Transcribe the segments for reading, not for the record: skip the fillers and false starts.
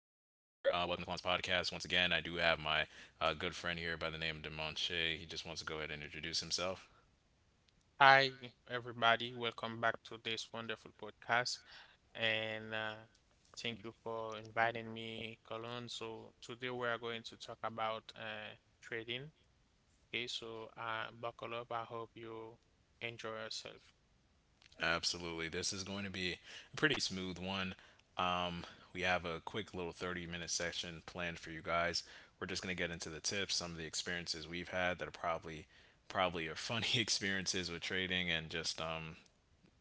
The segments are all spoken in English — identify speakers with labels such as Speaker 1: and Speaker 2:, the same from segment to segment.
Speaker 1: Welcome to Kalon's podcast. Once again, I do have my good friend here by the name of Demonche. He just wants to go ahead and introduce himself.
Speaker 2: Hi, everybody. Welcome back to this wonderful podcast. And thank you for inviting me, Colon. So, today we are going to talk about trading. Okay, so buckle up. I hope you enjoy yourself.
Speaker 1: Absolutely. This is going to be a pretty smooth one. Um, we have a quick little 30-minute section planned for you guys. We're just going to get into the tips, some of the experiences we've had that are probably are funny experiences with trading, and just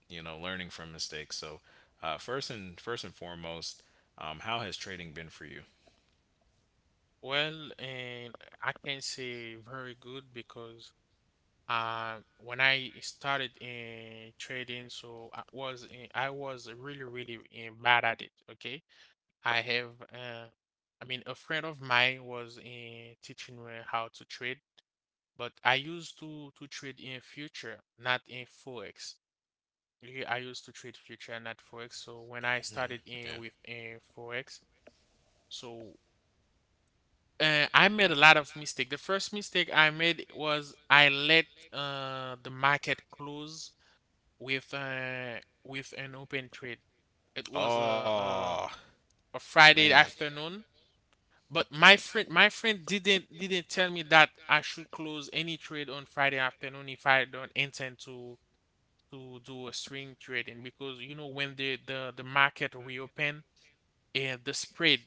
Speaker 1: learning from mistakes. So, first and foremost, how has trading been for you?
Speaker 2: Well, and I can say very good, because when I started in trading, I was really, really bad at it. Okay. I have, uh, I mean, a friend of mine was in teaching me how to trade, but I used to trade in future, not in forex. Yeah, I used to trade future, not forex. So when I started
Speaker 1: Yeah.
Speaker 2: in with in forex, so I made a lot of mistake. The first mistake I made was I let the market close with uh, with an open trade. It was
Speaker 1: Oh
Speaker 2: a a
Speaker 1: man.
Speaker 2: Friday afternoon. But my friend didn't tell me that I should close any trade on Friday afternoon if I don't intend to do a swing trading, because you know when the market reopen and the spread,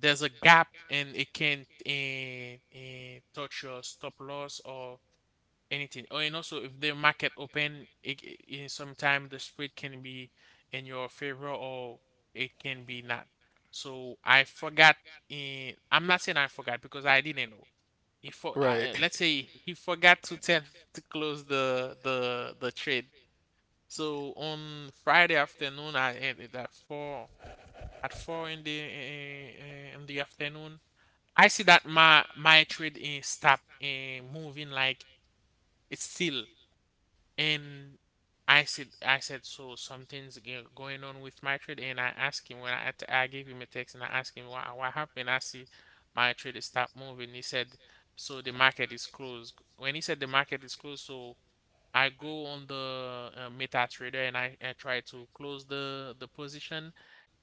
Speaker 2: there's a gap, and it can touch your stop loss or anything. Oh, and also if the market open, it sometime the spread can be in your favor or it can be not. So I forgot. I'm not saying I forgot because I didn't know. He for
Speaker 1: Right.
Speaker 2: Let's say he forgot to tell me to close the trade. So on Friday afternoon, I ended at four in the afternoon. I see that my trade is stop moving, like it's still. And I said, so something's going on with my trade. And I asked him, when I gave him a text and I asked him what happened. I see my trade stopped moving. He said, so the market is closed. When he said the market is closed, so I go on the MetaTrader, and I try to close the position,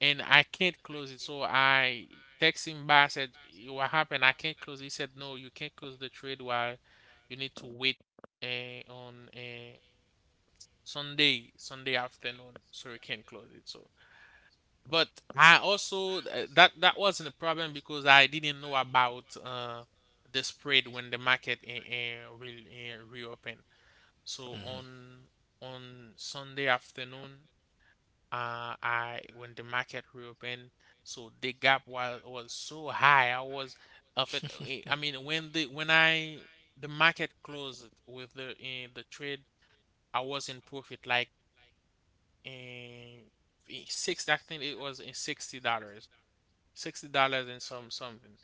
Speaker 2: and I can't close it. So I text him back. I said, What happened? I can't close it." He said, no, you can't close the trade, while you need to wait on Sunday afternoon, so we can close it. So, but I also that wasn't a problem because I didn't know about the spread when the market will reopen. So
Speaker 1: Hmm.
Speaker 2: on Sunday afternoon, I when the market reopened, so the gap was so high. I was of it. I mean, when the when I the market closed with the trade, I was in profit, like. And six I think it was in $60. $60 and something.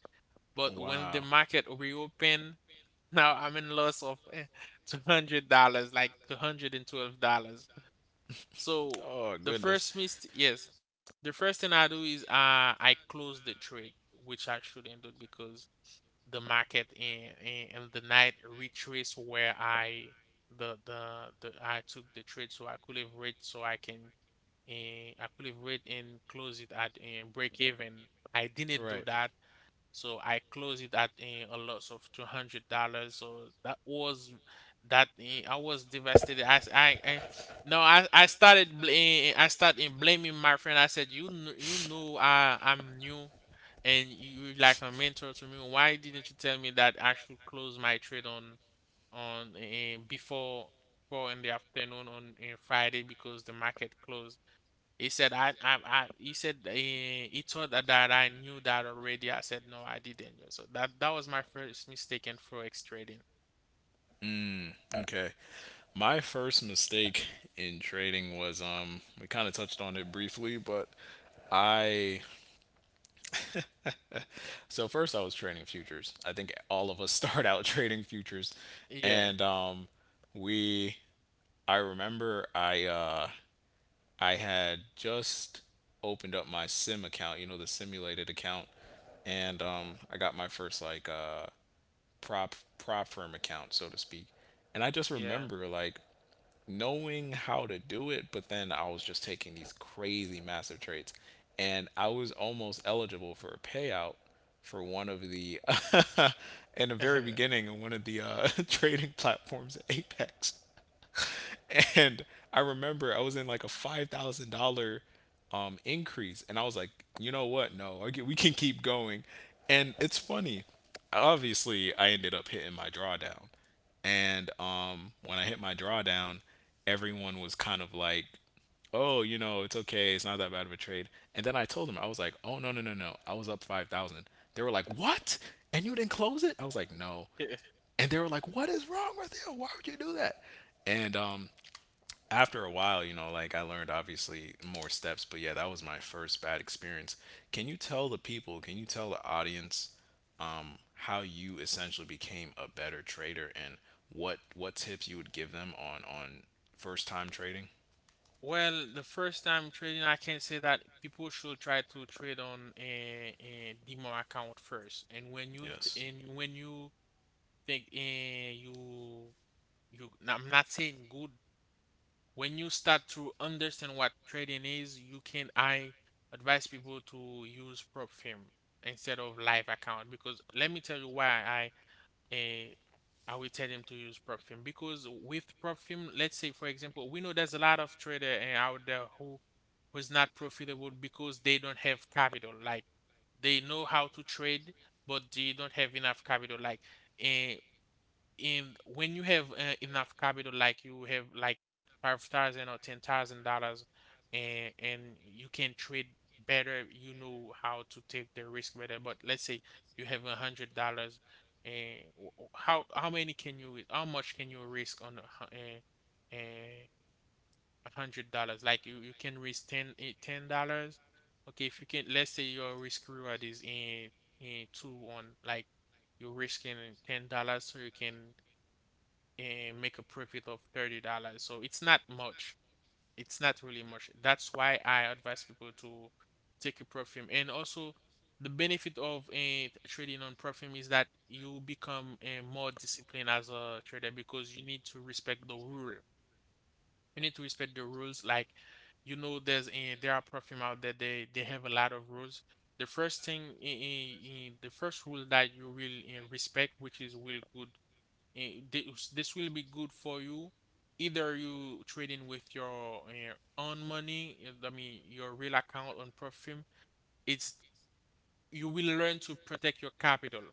Speaker 2: But when
Speaker 1: Wow.
Speaker 2: the market reopened, now I'm in loss of $200, like $212. So
Speaker 1: Oh
Speaker 2: the
Speaker 1: goodness.
Speaker 2: first mist yes. The first thing I do is I close the trade, which I shouldn't do, because the market in the night retrace where the the I took the trade, so I can, and I could have wait and close it at break even. I didn't do
Speaker 1: Right.
Speaker 2: that, so I closed it at a loss of $200. So that was that I was devastated. I s- I- No, I started I started blaming my friend. I said, you you know, I'm new, and you like my mentor to me. Why didn't you tell me that I should close my trade on before four in the afternoon on Friday, because the market closed? He said, I he said he thought that I knew that already. I said, "No, I didn't know." So that was my first mistake in forex trading.
Speaker 1: Mm, okay. My first mistake in trading was, we kind of touched on it briefly, but I so first I was trading futures. I think all of us start out trading futures,
Speaker 2: Yeah,
Speaker 1: and we I remember I had just opened up my sim account, the simulated account, and I got my first like prop firm account, so to speak. And I just
Speaker 2: yeah.
Speaker 1: remember like knowing how to do it, but then I was just taking these crazy massive trades. And I was almost eligible for a payout for one of the, in the very beginning, of one of the trading platforms at Apex. And I remember I was in like a 5,000 dollar increase, and I was like, you know what? No, we can keep going. And it's funny. Obviously, I ended up hitting my drawdown, and when I hit my drawdown, everyone was kind of like, oh, it's okay, it's not that bad of a trade. And then I told them, I was like, oh no no no no, I was up 5,000. They were like, what? And you didn't close it? I was like, no.
Speaker 2: Yeah.
Speaker 1: And they were like, what is wrong with you? Why would you do that? And after a while, like I learned obviously more steps, but yeah, that was my first bad experience. Can you tell the people, can you tell the audience, how you essentially became a better trader, and what tips you would give them on first time trading?
Speaker 2: Well, the first time trading, I can say that people should try to trade on a demo account first. And when you
Speaker 1: Yes.
Speaker 2: think no, I'm not saying good, when you start to understand what trading is, you can I advise people to use prop firm instead of live account. Because let me tell you why. Eh, I will tell them to use prop firm, because with prop firm, let's say, for example, we know there's a lot of trader out there who was not profitable because they don't have capital. Like, they know how to trade, but they don't have enough capital. Eh, and when you have enough capital, like you have like $5,000 or $10,000, and you can trade better. You know how to take the risk better. But let's say you have $100, and how much can you risk on a hu- eh, eh, $100? Like, you can risk $10. Okay, if you can, let's say your risk reward is in two on, like, you're risking $10, so you can and make a profit of $30. So it's not much. It's not really much. That's why I advise people to take a perfume. And also, the benefit of trading on perfume is that you become more disciplined as a trader, because you need to respect the rule. You need to respect the rules. Like, you know, there are perfume out there. They have a lot of rules. The first rule that you will respect, which is will good. This will be good for you. Either you trading with your own money, I mean your real account on perfume, It's you will learn to protect your capital.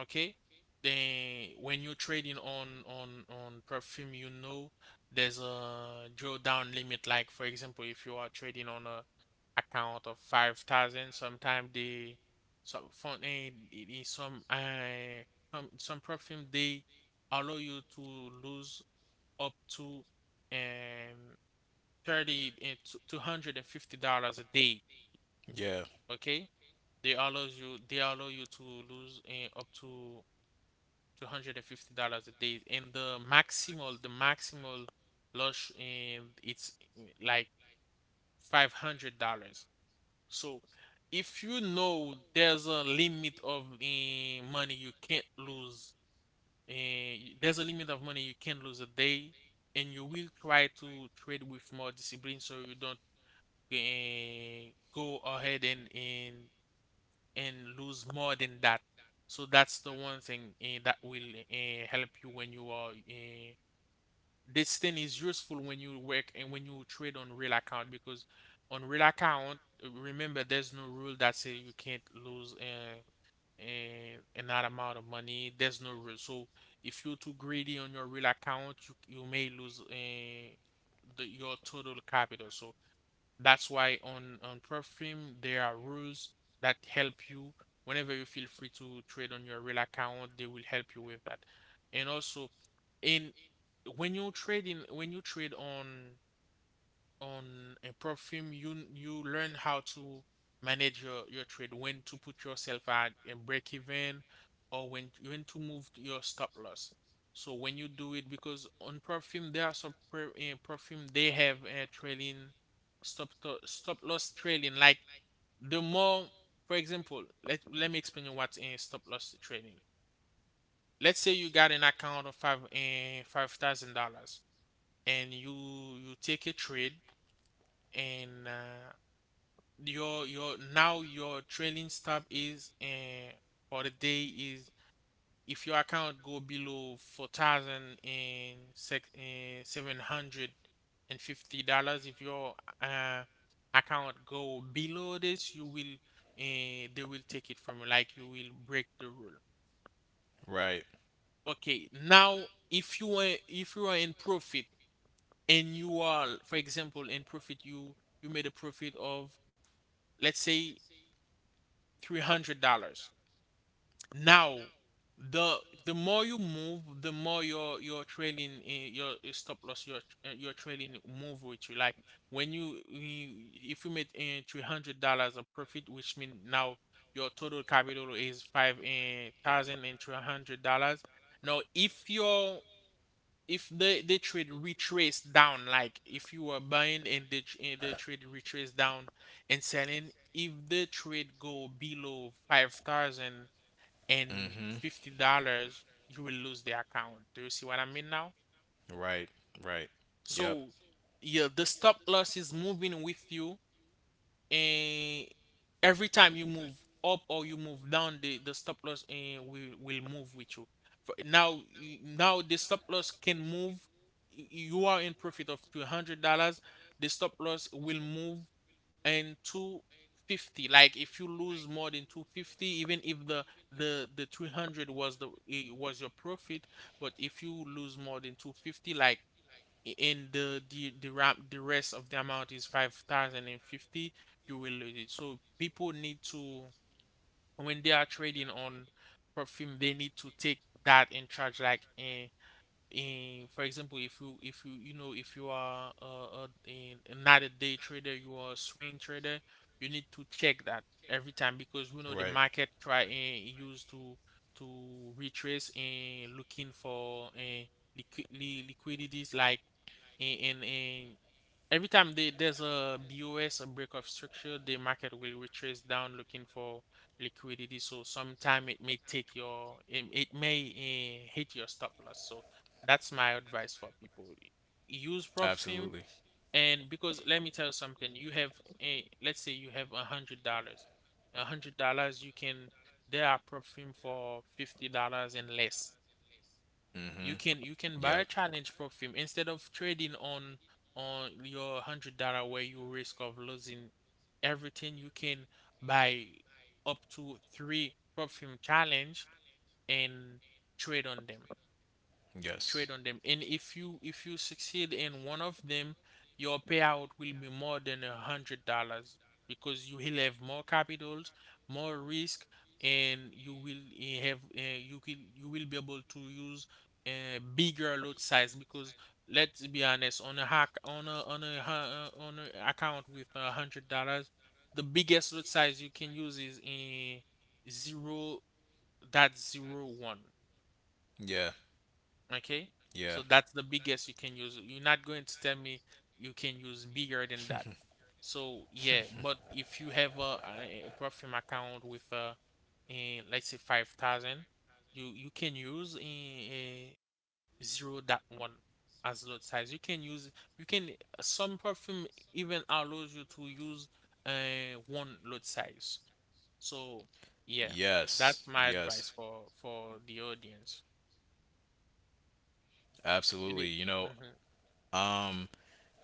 Speaker 2: Okay? Then when you're trading on on perfume, you know there's a drawdown limit. Like, for example, if you are trading on a account of 5,000, sometimes they, some fund eh, some uh some perfume, they allow you to lose up to um 30 and $250 a day.
Speaker 1: Yeah.
Speaker 2: Okay? They allow you to lose up to $250 a day, and the maximal loss, and it's like $500. So if you know there's a limit of money you can't lose, there's a limit of money you can not lose a day, and you will try to trade with more discipline so you don't go ahead and lose more than that. So that's the one thing that will help you when you are this thing is useful when you work and when you trade on real account, because on real account, remember, there's no rule that say you can't lose an amount of money. There's no rule. So if you're too greedy on your real account, you may lose your total capital. So that's why on Perfume there are rules that help you. Whenever you feel free to trade on your real account, they will help you with that. And also, in when you trade in when you trade on a prop firm, you learn how to manage your trade, when to put yourself at a break even, or when to move to your stop loss. So when you do it, because on prop firm there are some prop firm, they have a trailing stop loss trailing. Like, the more, for example, let me explain you what's in stop loss trailing. Let's say you got an account of $5,000, and you take a trade, and your now your trailing stop is for the day is: if your account go below 4,000 and sec $750, if your uh account go below this, you will they will take it from you. Like, you will break the rule.
Speaker 1: Right.
Speaker 2: Okay? Now, if you are in profit, and you are, for example, in profit. You made a profit of, let's say, $300. Now, the the more you move, the more your trailing stop loss, your trailing move with you. Like, when if you made in $300 of profit, which means now your total capital is thousand and three hundred dollars. Now, if the trade retrace down, like if you were buying and the trade retrace down and selling, if the trade go below 5,000 and
Speaker 1: Mhm.
Speaker 2: $50, you will lose the account. Do you see what I mean now?
Speaker 1: Right. Right. Yep.
Speaker 2: So, yeah, the stop loss is moving with you, and every time you move up or you move down, the stop loss will move with you. For now, now the stop loss can move. You are in profit of $200. The stop loss will move and 250, like if you lose more than 250, even if the 300 was the it was your profit, but if you lose more than 250, like in the rest of the amount is 5050, you will lose it. So people need to, when they are trading on perfume, they need to take that in charge, like and for example, if if you are a not a day trader, you are a swing trader, you need to check that every time because we know
Speaker 1: Right.
Speaker 2: the market try and use to retrace and looking for liquidities, like and every time there's a BOS, a break of structure, the market will retrace down looking for liquidity. So sometime it may take your, it may hit your stop loss. So that's my advice for people. Use prop firm,
Speaker 1: Absolutely.
Speaker 2: and because let me tell you something, you have let's say you have $100, $100, you can, there are prop firm for $50 and less.
Speaker 1: Mhm.
Speaker 2: You can, you can
Speaker 1: Yep.
Speaker 2: buy a challenge perfume instead of trading on your $100, where you risk of losing everything. You can buy up to three perfume challenge and trade on them
Speaker 1: Yes.
Speaker 2: trade on them. And if you succeed in one of them, your payout will be more than $100 because you will have more capitals, more risk, and you will have you will be able to use a bigger load size because let's be honest, on a hack on a ha- on a account with $100, the biggest load size you can use is in zero dot 01.
Speaker 1: Yeah.
Speaker 2: Okay,
Speaker 1: Yeah.
Speaker 2: so that's the biggest you can use. You're not going to tell me you can use bigger than that. So yeah, but if you have a perfume account with let's say 5,000, you you can use zero dot one as lot size. You can use, you can, some perfume even allows you to use one lot size. So yeah,
Speaker 1: Yes.
Speaker 2: that's my
Speaker 1: Yes.
Speaker 2: advice for the audience. You
Speaker 1: Absolutely.
Speaker 2: need.
Speaker 1: Um,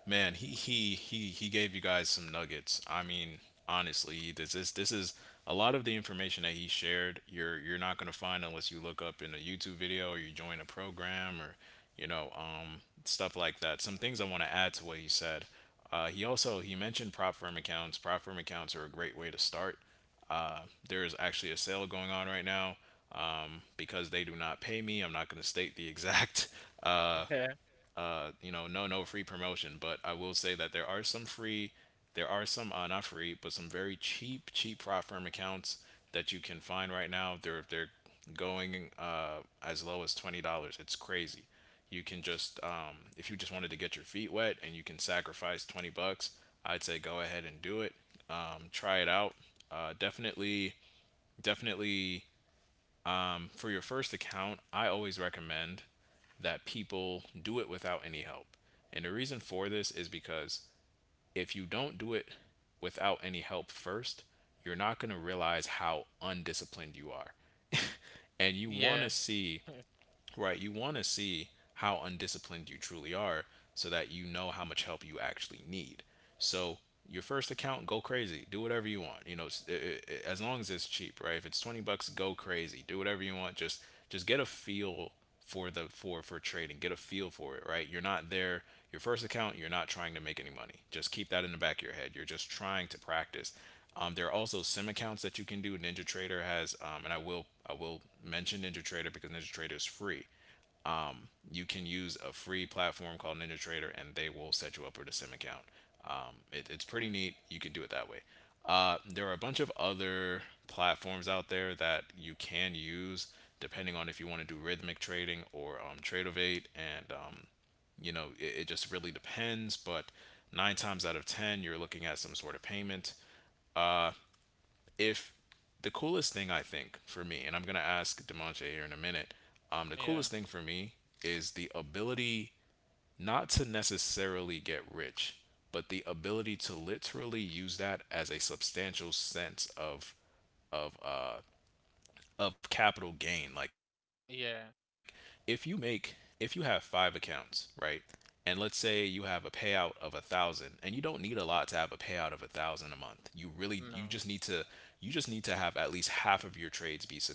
Speaker 1: Man, he gave you guys some nuggets. I mean, honestly, this is a lot of the information that he shared. You're not gonna find, unless you look up in a YouTube video or you join a program or, stuff like that. Some things I want to add to what he said. He mentioned prop firm accounts. Prop firm accounts are a great way to start. Uh, there is actually a sale going on right now, because they do not pay me. I'm not going to state the exact uh,
Speaker 2: Mhm.
Speaker 1: no, no free promotion, but I will say that there are some free, there are some, not free, but some very cheap, cheap fraud firm accounts that you can find right now. They're going, as low as $20. It's crazy. You can just, if you just wanted to get your feet wet and you can sacrifice 20 bucks, I'd say go ahead and do it. Try it out. Definitely, definitely, for your first account, I always recommend that people do it without any help. And the reason for this is because if you don't do it without any help first, you're not going to realize how undisciplined you are. And you want to
Speaker 2: Yeah.
Speaker 1: see. Right. You want to see how undisciplined you truly are, so that you know how much help you actually need. So, your first account, go crazy. Do whatever you want. As long as it's cheap, right? If it's 20 bucks, go crazy. Do whatever you want. Just get a feel for the for trading. Get a feel for it, right? You're not there. Your first account, you're not trying to make any money. Just keep that in the back of your head. You're just trying to practice. There are also sim accounts that you can do. Ninja Trader has, and I will mention Ninja Trader, because Ninja Trader is free. You can use a free platform called NinjaTrader, and they will set you up with a sim account. It's pretty neat. You can do it that way. There are a bunch of other platforms out there that you can use, depending on if you want to do rhythmic trading or, Tradeovate. And, it just really depends. But nine times out of 10, you're looking at some sort of payment. Uh, if the coolest thing, I think, for me, and I'm gonna ask Dimanche here in a minute, the
Speaker 2: Yeah.
Speaker 1: coolest thing for me is the ability not to necessarily get rich, but the ability to literally use that as a substantial sense of of uh capital gain. Like, if you
Speaker 2: Yeah.
Speaker 1: make if you have five accounts, right? And let's say you have a payout of a thousand, and you don't need a lot to have a payout of a thousand a month. You just need to
Speaker 2: No.
Speaker 1: you just need to have at least half of your trades be successful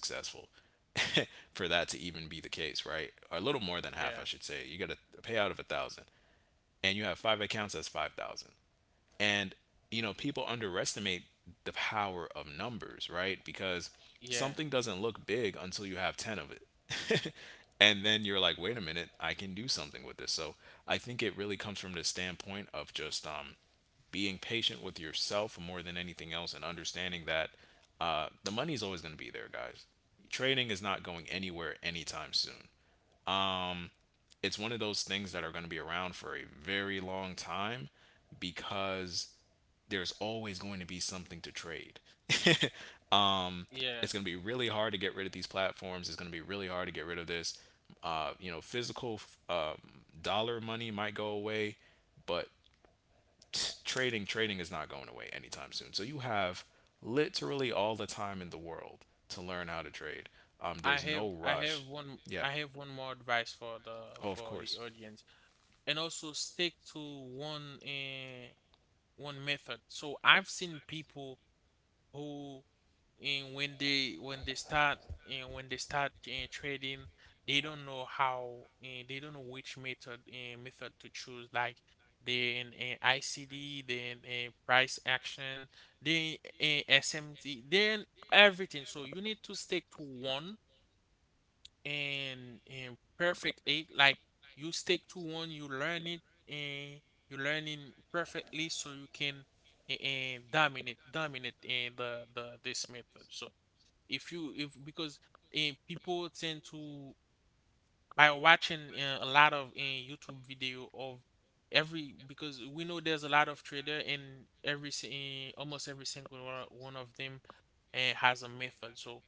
Speaker 1: for that to even be the case, right? Or a little more than half, I should say.
Speaker 2: Yeah.
Speaker 1: You get a payout of a thousand, and you have five accounts. That's 5,000. And, people underestimate the power of numbers, right? Because
Speaker 2: Yeah.
Speaker 1: something doesn't look big until you have 10 of it. And then you're like, wait a minute, I can do something with this. So I think it really comes from the standpoint of just, being patient with yourself more than anything else, and understanding that, the money is always going to be there, guys. Trading is not going anywhere anytime soon. It's one of those things that are going to be around for a very long time, because there's always going to be something to trade. um,
Speaker 2: Yeah.
Speaker 1: it's going to be really hard to get rid of these platforms. It's going to be really hard to get rid of this. Physical, um, dollar money might go away, but trading is not going away anytime soon. So you have literally all the time in the world to learn how to trade.
Speaker 2: I
Speaker 1: There's
Speaker 2: have,
Speaker 1: no
Speaker 2: I
Speaker 1: rush.
Speaker 2: have one,
Speaker 1: Yeah.
Speaker 2: I have one more advice
Speaker 1: Oh, of
Speaker 2: for the
Speaker 1: course.
Speaker 2: audience. And also stick to one one method. So I've seen people who, and when they start, and when they start trading, they don't know how and they don't know which method, method to choose, like they in ICD, then price action, then SMT, then everything. So you need to stick to one, and perfectly, like you stick to one, you learn it, and you learn it perfectly, so you can and dominate in the this method. So if you if, because people tend to, by watching a lot of YouTube video of every, because we know there's a lot of trader, and almost every single one of them has a method. So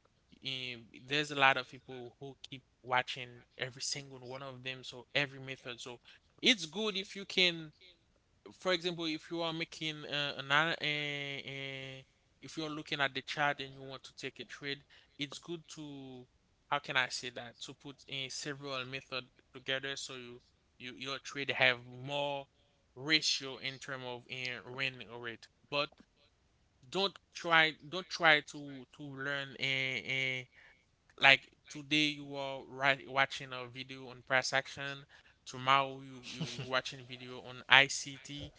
Speaker 2: there's a lot of people who keep watching every single one of them. So every method. So it's good if you can, for example, if you are making if you're looking at the chart and you want to take a trade, it's good to, how can I say that? To put in several method together, so you your trade have more ratio in term of win rate. But don't try to learn a like today you are right watching a video on price action, tomorrow you, you watching video on ICT,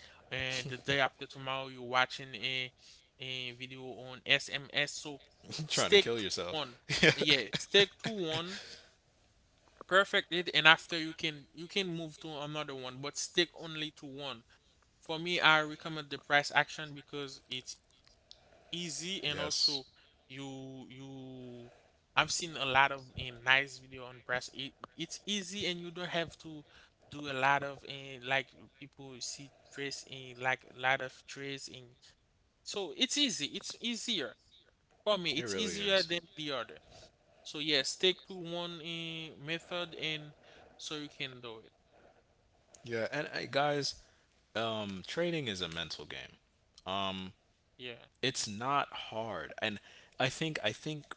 Speaker 2: and the day after tomorrow you watching a video on SMS. So
Speaker 1: Trying to
Speaker 2: stick
Speaker 1: kill
Speaker 2: to
Speaker 1: yourself.
Speaker 2: one,
Speaker 1: Yeah.
Speaker 2: yeah, stick to one, perfect it, and after you can, you can move to another one, but stick only to one. For me, I recommend the price action because it's easy, and
Speaker 1: Yes,
Speaker 2: also you, I've seen a lot of nice video on press. It's easy and you don't have to do a lot of in, like people see trace in, like a lot of trace in. So it's easy. It's easier for me.
Speaker 1: it
Speaker 2: It's
Speaker 1: really
Speaker 2: easier
Speaker 1: is.
Speaker 2: than the other. So yeah, stick to one method, and so you can do it.
Speaker 1: Yeah, and hey, guys, trading is a mental game. Um,
Speaker 2: Yeah.
Speaker 1: it's not hard, and I think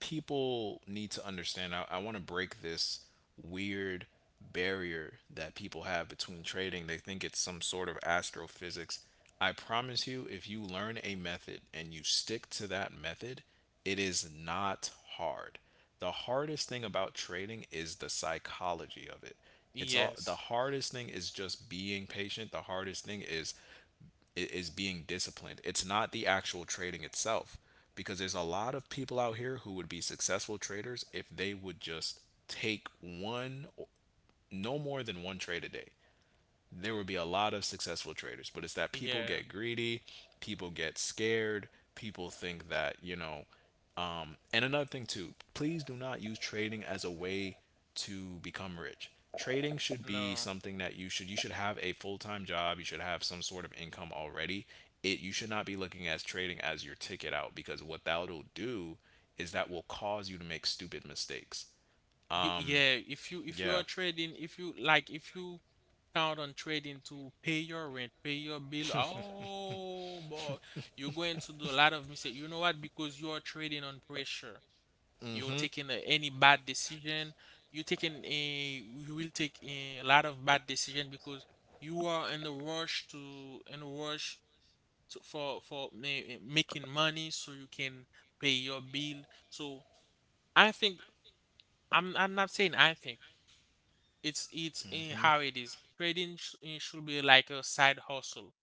Speaker 1: people need to understand. I want to break this weird barrier that people have between trading. They think it's some sort of astrophysics. I promise you, if you learn a method and you stick to that method, it is not hard. The hardest thing about trading is the psychology of it. It's all the
Speaker 2: Yes.
Speaker 1: hardest thing is just being patient. The hardest thing is, is being disciplined. It's not the actual trading itself, because there's a lot of people out here who would be successful traders if they would just take one, no more than one trade a day, there would be a lot of successful traders. But it's that people
Speaker 2: Yeah.
Speaker 1: get greedy, people get scared, people think that, and another thing too, please do not use trading as a way to become rich. Trading should be
Speaker 2: No.
Speaker 1: something that you should have a full-time job, you should have some sort of income already. It You should not be looking at trading as your ticket out, because what that'll do is that will cause you to make stupid mistakes. Um
Speaker 2: Yeah, if you
Speaker 1: yeah.
Speaker 2: are trading, if you like, if you count on trading to pay your rent, pay your bill, oh boy, you're going to do a lot of mistake. You know what? Because you are trading on pressure. You're
Speaker 1: Mhm.
Speaker 2: taking a, any bad decision. You will take a lot of bad decision because you are in a rush to in a rush to, for making money so you can pay your bill. So I think, I'm not saying I think it's in
Speaker 1: Mhm.
Speaker 2: how it is trading it should be like a side hustle.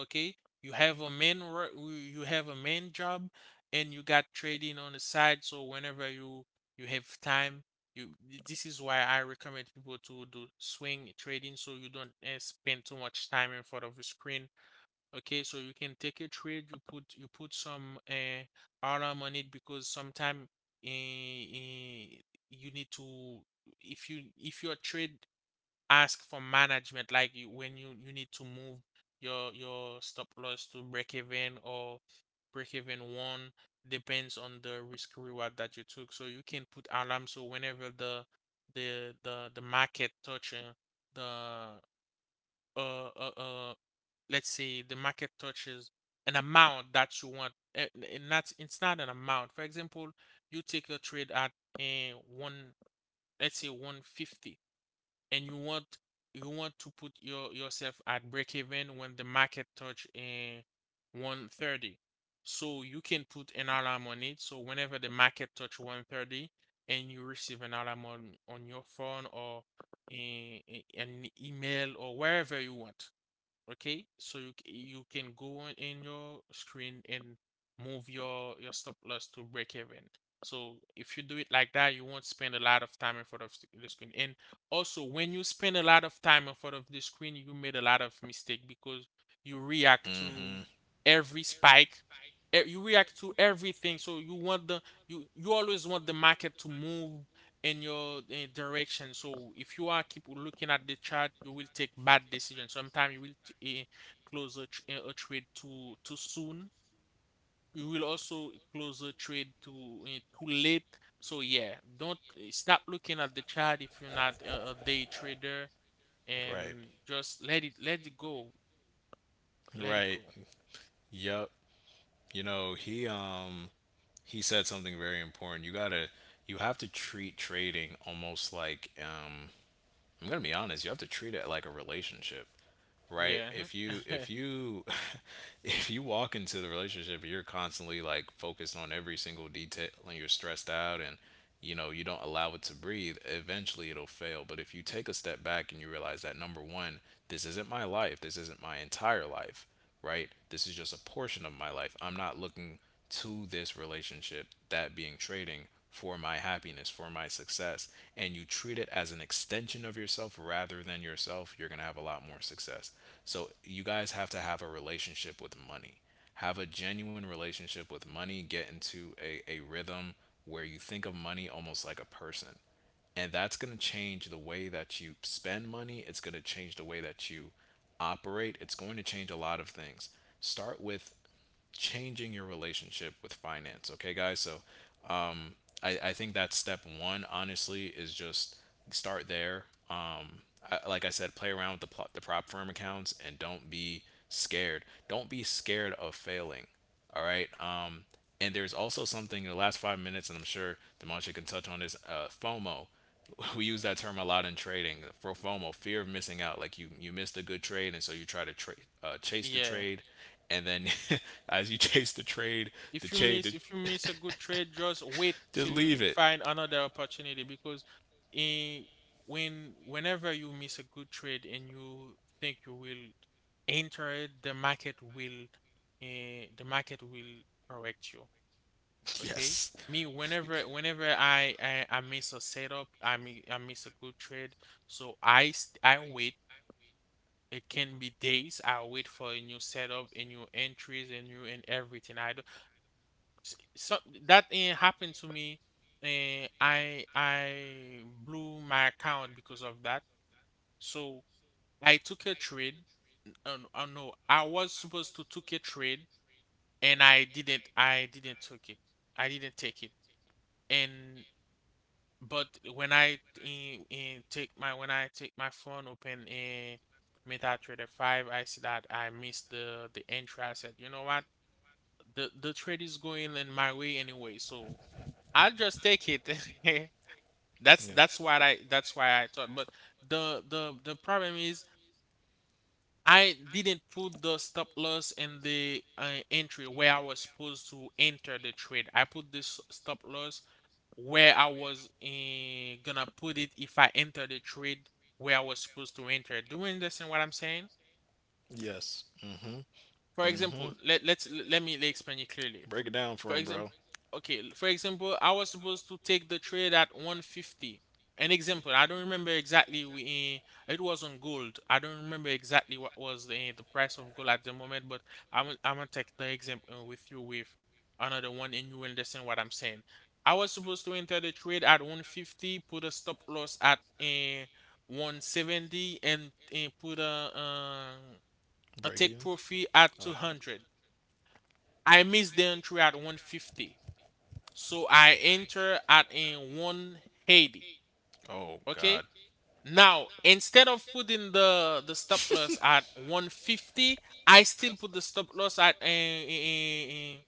Speaker 2: Okay, you have you you have a main job, and you got trading on the side. So whenever you, you have time, you, this is why I recommend people to do swing trading, so you don't spend too much time in front of the screen. Okay, so you can take a trade, you put, you put some alarm on it, because sometimes uh you need to, if you if your trade ask for management, like you, when you need to move your stop loss to break even, or break even one, depends on the risk reward that you took. So you can put alarm, so whenever the market touches the uh, uh uh let's say the market touches an amount that you want, and that's, it's not an amount, for example you take a trade at a one let's say 150, and you want, you want to put your, yourself at break even when the market touch in 130. So you can put an alarm on it, so whenever the market touch 130, and you receive an alarm on your phone or in, an email or wherever you want. Okay, so you you can go on in your screen and move your stop loss to break even. So if you do it like that, you won't spend a lot of time in front of the screen. And also, when you spend a lot of time in front of the screen, you made a lot of mistake because you react to
Speaker 1: Mhm.
Speaker 2: every spike. You react to everything. So you want the, you always want the market to move in your direction. So if you are keep looking at the chart, you will take bad decisions. Sometimes you will close a, a trade too too soon. You will also close a trade too late. So yeah, don't stop looking at the chart if you're not a, a day trader,
Speaker 1: Right.
Speaker 2: and just let it, let it go, let it
Speaker 1: Right.
Speaker 2: go.
Speaker 1: Yep. He, he said something very important. You have to treat trading almost like, I'm gonna be honest, you have to treat it like a relationship, right?
Speaker 2: Yeah,
Speaker 1: If you if you walk into the relationship and you're constantly like focused on every single detail, and you're stressed out, and, you don't allow it to breathe, eventually it'll fail. But if you take a step back and you realize that, number one, this isn't my life, this isn't my entire life, right? This is just a portion of my life. I'm not looking to this relationship, that being trading, for my happiness, for my success, and you treat it as an extension of yourself rather than yourself, you're going to have a lot more success. So, you guys have to have a relationship with money. Have a genuine relationship with money. Get into a rhythm, where you think of money almost like a person, and that's going to change the way that you spend money. It's going to change the way that you operate. It's going to change a lot of things. Start with changing your relationship with finance, okay, guys? So, um, I think that's step one, honestly, is just start there. um, I, like I said, play around with the, prop firm accounts, and don't be scared, don't be scared of failing, all right. And there's also something in the last 5 minutes, and I'm sure Demontre can touch on this. FOMO. We use that term a lot in trading. For FOMO, fear of missing out. Like you missed a good trade, and so you try to, chase the
Speaker 2: yeah.
Speaker 1: trade, and then as you chase the trade, the trade,
Speaker 2: If you miss
Speaker 1: the-
Speaker 2: a good trade, just wait
Speaker 1: just
Speaker 2: till you
Speaker 1: leave it.
Speaker 2: find another opportunity, because in when, whenever you miss a good trade and you think you will enter it, the market will uh, the market will correct you. Okay?
Speaker 1: Yes.
Speaker 2: Me, whenever I miss a setup, I miss a good trade, so I wait. It can be days. I wait for a new setup, and new entries, and new and everything. I S so that, happened to me, and I blew my account because of that. So I took a trade. No, I was supposed to took a trade, and I didn't. I didn't took it. I didn't take it. And but when I in take my when I take my phone, open in MetaTrader 5, I see that I missed the entry. I said, you know what? The trade is going in my way anyway, so I'll just take it.
Speaker 1: Yeah.
Speaker 2: That's what I that's why I thought. But the problem is I didn't put the stop loss in the entry where I was supposed to enter the trade. I put this stop loss where I was gonna put it if I enter the trade where I was supposed to enter. Do you understand what I'm saying?
Speaker 1: Yes. Mm-hmm.
Speaker 2: For example,
Speaker 1: Mm-hmm.
Speaker 2: let me explain it clearly.
Speaker 1: Break it down
Speaker 2: For
Speaker 1: for him,
Speaker 2: example,
Speaker 1: bro.
Speaker 2: okay, for example, I was supposed to take the trade at 150. An example, I don't remember exactly. It was on gold. I don't remember exactly what was the price of gold at the moment, but I'm gonna take the example with you with another one, and you understand what I'm saying. I was supposed to enter the trade at 150, put a stop loss at a 170, and put a I
Speaker 1: Break
Speaker 2: take
Speaker 1: even?
Speaker 2: profit at
Speaker 1: Oh.
Speaker 2: 200. I miss the entry at 150. So I enter at in 180.
Speaker 1: Oh
Speaker 2: Okay.
Speaker 1: God.
Speaker 2: Now, instead of putting the stop loss at 150, I still put the stop loss at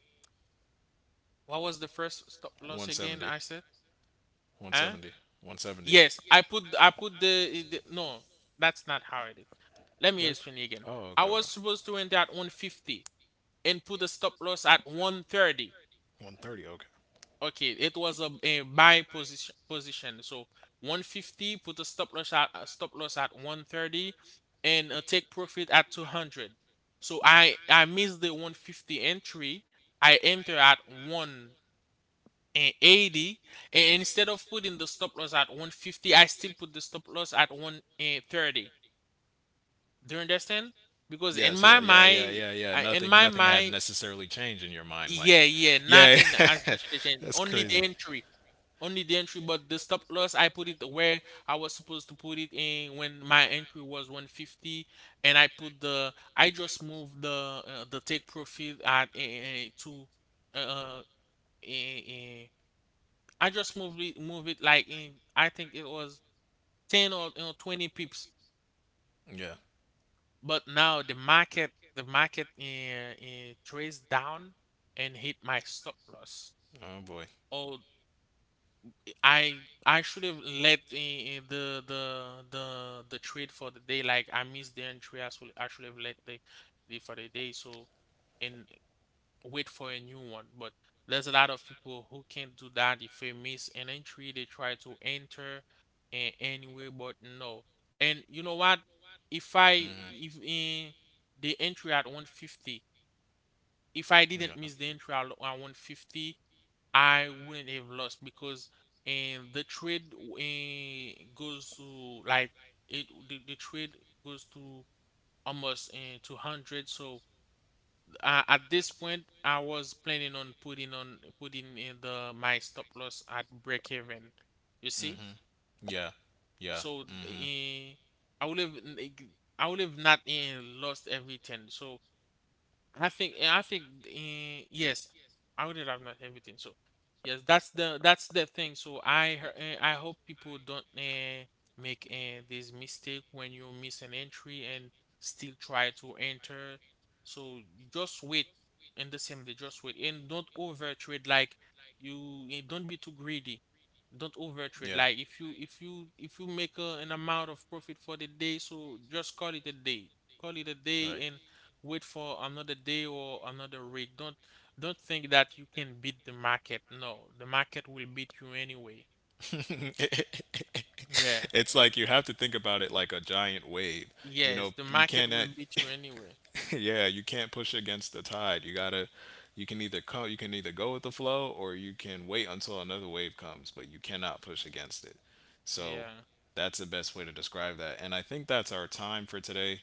Speaker 2: what was the first stop loss again?
Speaker 1: 170.
Speaker 2: I said, huh?
Speaker 1: 170. 170.
Speaker 2: Yes, I put the no, that's not how it is. Let me
Speaker 1: That's
Speaker 2: explain again.
Speaker 1: Oh,
Speaker 2: I
Speaker 1: okay,
Speaker 2: was
Speaker 1: okay.
Speaker 2: supposed to enter at 150 and put the stop loss at 130.
Speaker 1: 130. Okay.
Speaker 2: Okay, it was a buy position. So 150, put a stop loss at 130 and take profit at 200. So I missed the 150 entry. I enter at 180 and instead of putting the stop loss at 150, I still put the stop loss at 130. Do you understand? Because in
Speaker 1: Yes,
Speaker 2: my
Speaker 1: yeah, yeah, yeah,
Speaker 2: mind,
Speaker 1: yeah, yeah.
Speaker 2: I, in
Speaker 1: Nothing
Speaker 2: my
Speaker 1: nothing had
Speaker 2: mind,
Speaker 1: necessarily changed in your mind, like.
Speaker 2: yeah, yeah,
Speaker 1: Yeah.
Speaker 2: nothing in as much as- change,
Speaker 1: That's
Speaker 2: only the
Speaker 1: crazy.
Speaker 2: entry. Only the entry, but the stop loss I put it where I was supposed to put it in when my entry was 150, and I just moved the take profit at to uh, uh, eh, eh, I just moved it like in I think it was 10 or 20 pips,
Speaker 1: Yeah.
Speaker 2: but now the market trades down and hit my stop loss.
Speaker 1: Oh boy.
Speaker 2: Oh, I should have let the the trade for the day. Like I missed the entry. I should have let the for the day. So and wait for a new one. But there's a lot of people who can't do that. If they miss an entry, they try to enter anyway. But no. And you know what? If
Speaker 1: Mhm.
Speaker 2: I if in the entry at 150, if I didn't
Speaker 1: Yeah.
Speaker 2: miss the entry at 150, I wouldn't have lost because and the trade goes to like the trade goes to almost 200. So at this point I was planning on putting in the my stop loss at break even, you see.
Speaker 1: Mhm. Yeah. Yeah.
Speaker 2: So
Speaker 1: Hmm.
Speaker 2: I would have not lost everything. So I think yes, I would have not everything. So yes, that's the thing. So I hope people don't make this mistake. When you miss an entry and still try to enter, so just wait. In the same day, just wait and don't over trade. Like you don't be too greedy. Don't over trade.
Speaker 1: Yeah.
Speaker 2: Like if you make an amount of profit for the day, so just call it a day. Call it a day
Speaker 1: Right.
Speaker 2: and wait for another day or another week. Don't think that you can beat the market. No, the market will beat you anyway. Yeah.
Speaker 1: It's like you have to think about it like a giant wave.
Speaker 2: Yes, the
Speaker 1: You
Speaker 2: market will
Speaker 1: cannot.
Speaker 2: beat you anyway.
Speaker 1: Yeah, you can't push against the tide. You can either go with the flow, or you can wait until another wave comes, but you cannot push against it. So
Speaker 2: Yeah.
Speaker 1: that's the best way to describe that. And I think that's our time for today.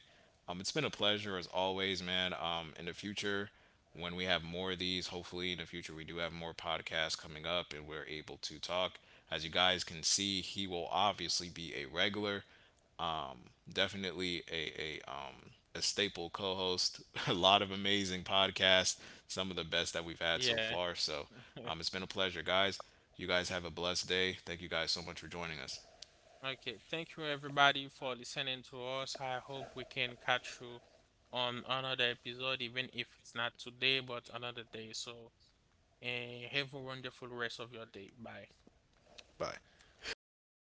Speaker 1: It's been a pleasure as always, man. In the future, when we have more of these, hopefully in the future we do have more podcasts coming up, and we're able to talk. As you guys can see, he will obviously be a regular. Um, definitely a staple co-host. A lot of amazing podcasts. Some of the best that we've had so
Speaker 2: Yeah.
Speaker 1: far. So, it's been a pleasure, guys. You guys have a blessed day. Thank you guys so much for joining us.
Speaker 2: Okay. Thank you everybody for listening to us. I hope we can catch you on another episode, even if it's not today, but another day. So, and have a wonderful rest of your day. Bye.
Speaker 1: Bye.